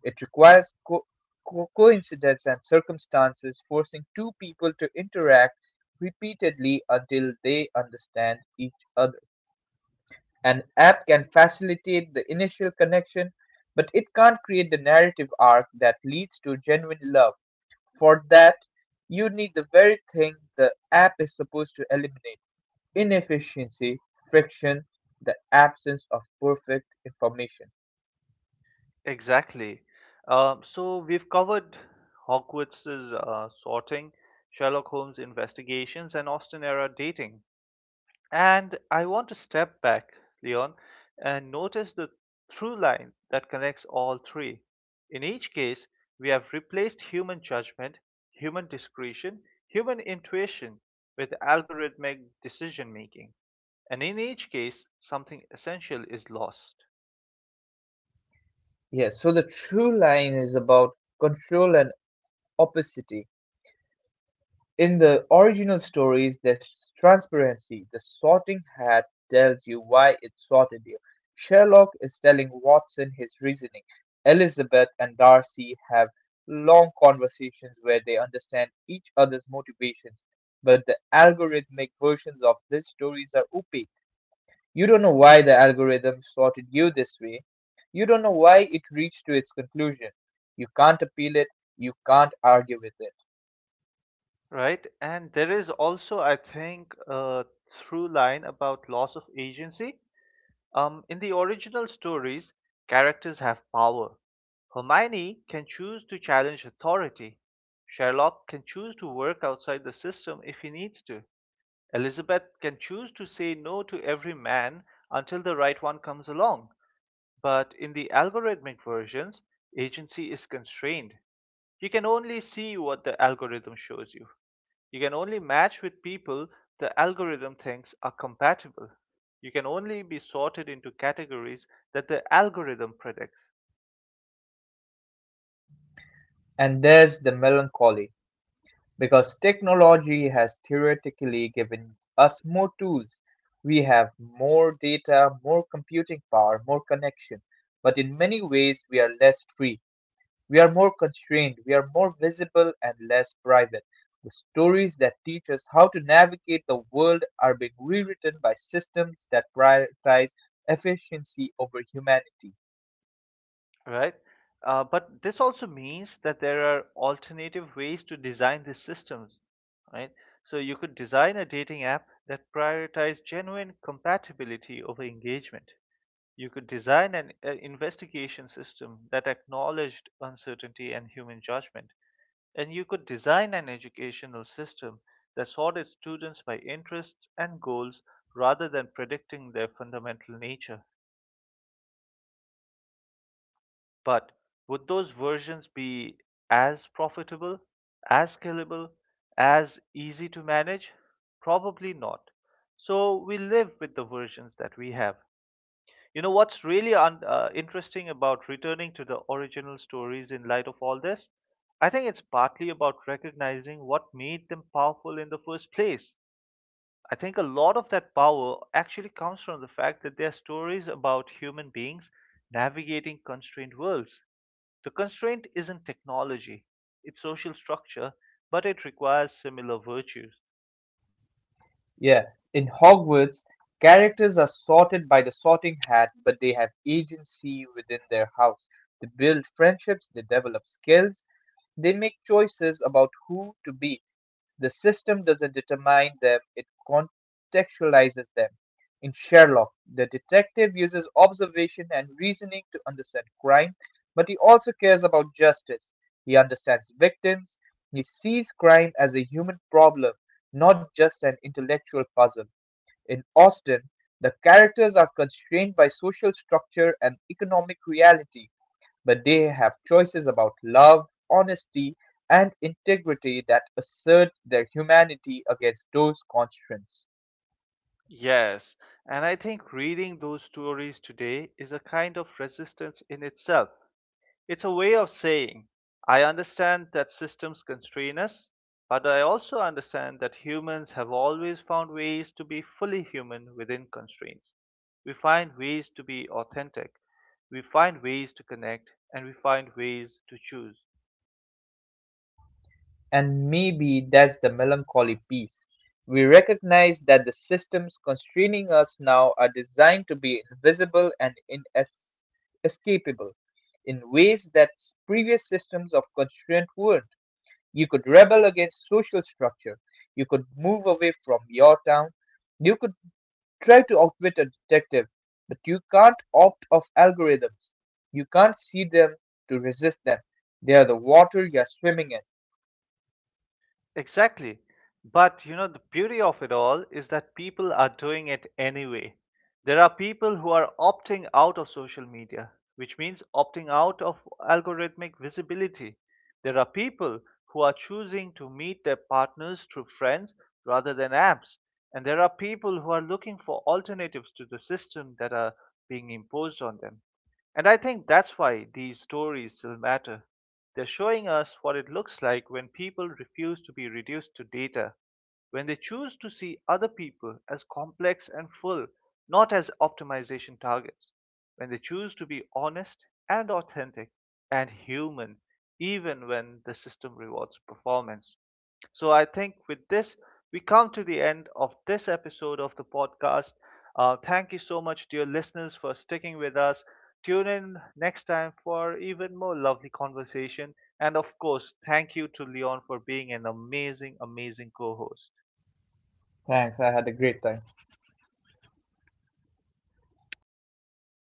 it requires coincidence and circumstances forcing two people to interact repeatedly until they understand each other. An app can facilitate the initial connection, but it can't create the narrative arc that leads to genuine love. For that, you need the very thing the app is supposed to eliminate: inefficiency, friction, the absence of perfect information. Exactly. So we've covered Hogwarts's sorting, Sherlock Holmes' investigations, and Austen era dating. And I want to step back, Leon, and notice the through line that connects all three. In each case, we have replaced human judgment, human discretion, human intuition with algorithmic decision making. And in each case, something essential is lost. Yeah, so the true line is about control and opacity. In the original stories, there's transparency. The Sorting Hat tells you why it sorted you. Sherlock is telling Watson his reasoning. Elizabeth and Darcy have long conversations where they understand each other's motivations. But the algorithmic versions of these stories are opaque. You don't know why the algorithm sorted you this way. You don't know why it reached to its conclusion. You can't appeal it. You can't argue with it. Right, and there is also, I think, a through line about loss of agency. In the original stories, characters have power. Hermione can choose to challenge authority. Sherlock can choose to work outside the system if he needs to. Elizabeth can choose to say no to every man until the right one comes along. But in the algorithmic versions, agency is constrained. You can only see what the algorithm shows you. You can only match with people the algorithm thinks are compatible. You can only be sorted into categories that the algorithm predicts, And there's the melancholy. Because technology has theoretically given us more tools. We have more data, more computing power, more connection. But in many ways, we are less free. We are more constrained. We are more visible and less private. The stories that teach us how to navigate the world are being rewritten by systems that prioritize efficiency over humanity. right? But this also means that there are alternative ways to design these systems, right? So you could design a dating app that prioritizes genuine compatibility over engagement. You could design an investigation system that acknowledged uncertainty and human judgment. And you could design an educational system that sorted students by interests and goals rather than predicting their fundamental nature. But would those versions be as profitable, as scalable, as easy to manage? Probably not. So we live with the versions that we have. You know what's really interesting about returning to the original stories in light of all this? I think it's partly about recognizing what made them powerful in the first place. I think a lot of that power actually comes from the fact that they're stories about human beings navigating constrained worlds. The constraint isn't technology, it's social structure, but it requires similar virtues. Yeah, in Hogwarts, characters are sorted by the sorting hat, but they have agency within their house. They build friendships, they develop skills, they make choices about who to be. The system doesn't determine them, it contextualizes them. In Sherlock, the detective uses observation and reasoning to understand crime, but he also cares about justice. He understands victims. He sees crime as a human problem, not just an intellectual puzzle. In Austen, the characters are constrained by social structure and economic reality, but they have choices about love, honesty, and integrity that assert their humanity against those constraints. Yes, and I think reading those stories today is a kind of resistance in itself. It's a way of saying, I understand that systems constrain us, but I also understand that humans have always found ways to be fully human within constraints. We find ways to be authentic, we find ways to connect, and we find ways to choose. And maybe that's the melancholy piece. We recognize that the systems constraining us now are designed to be invisible and inescapable in ways that previous systems of constraint weren't. You could rebel against social structure. You could move away from your town. You could try to outwit a detective, but you can't opt off algorithms. You can't see them to resist them. They're the water you're swimming in. Exactly. But, you know, the beauty of it all is that people are doing it anyway. There are people who are opting out of social media, which means opting out of algorithmic visibility. There are people who are choosing to meet their partners through friends rather than apps. And there are people who are looking for alternatives to the system that are being imposed on them. And I think that's why these stories still matter. They're showing us what it looks like when people refuse to be reduced to data, when they choose to see other people as complex and full, not as optimization targets, when they choose to be honest and authentic and human, even when the system rewards performance. So I think with this, we come to the end of this episode of the podcast. Thank you so much, dear listeners, for sticking with us. Tune in next time for even more lovely conversation. And of course, thank you to Leon for being an amazing, amazing co host. Thanks, I had a great time.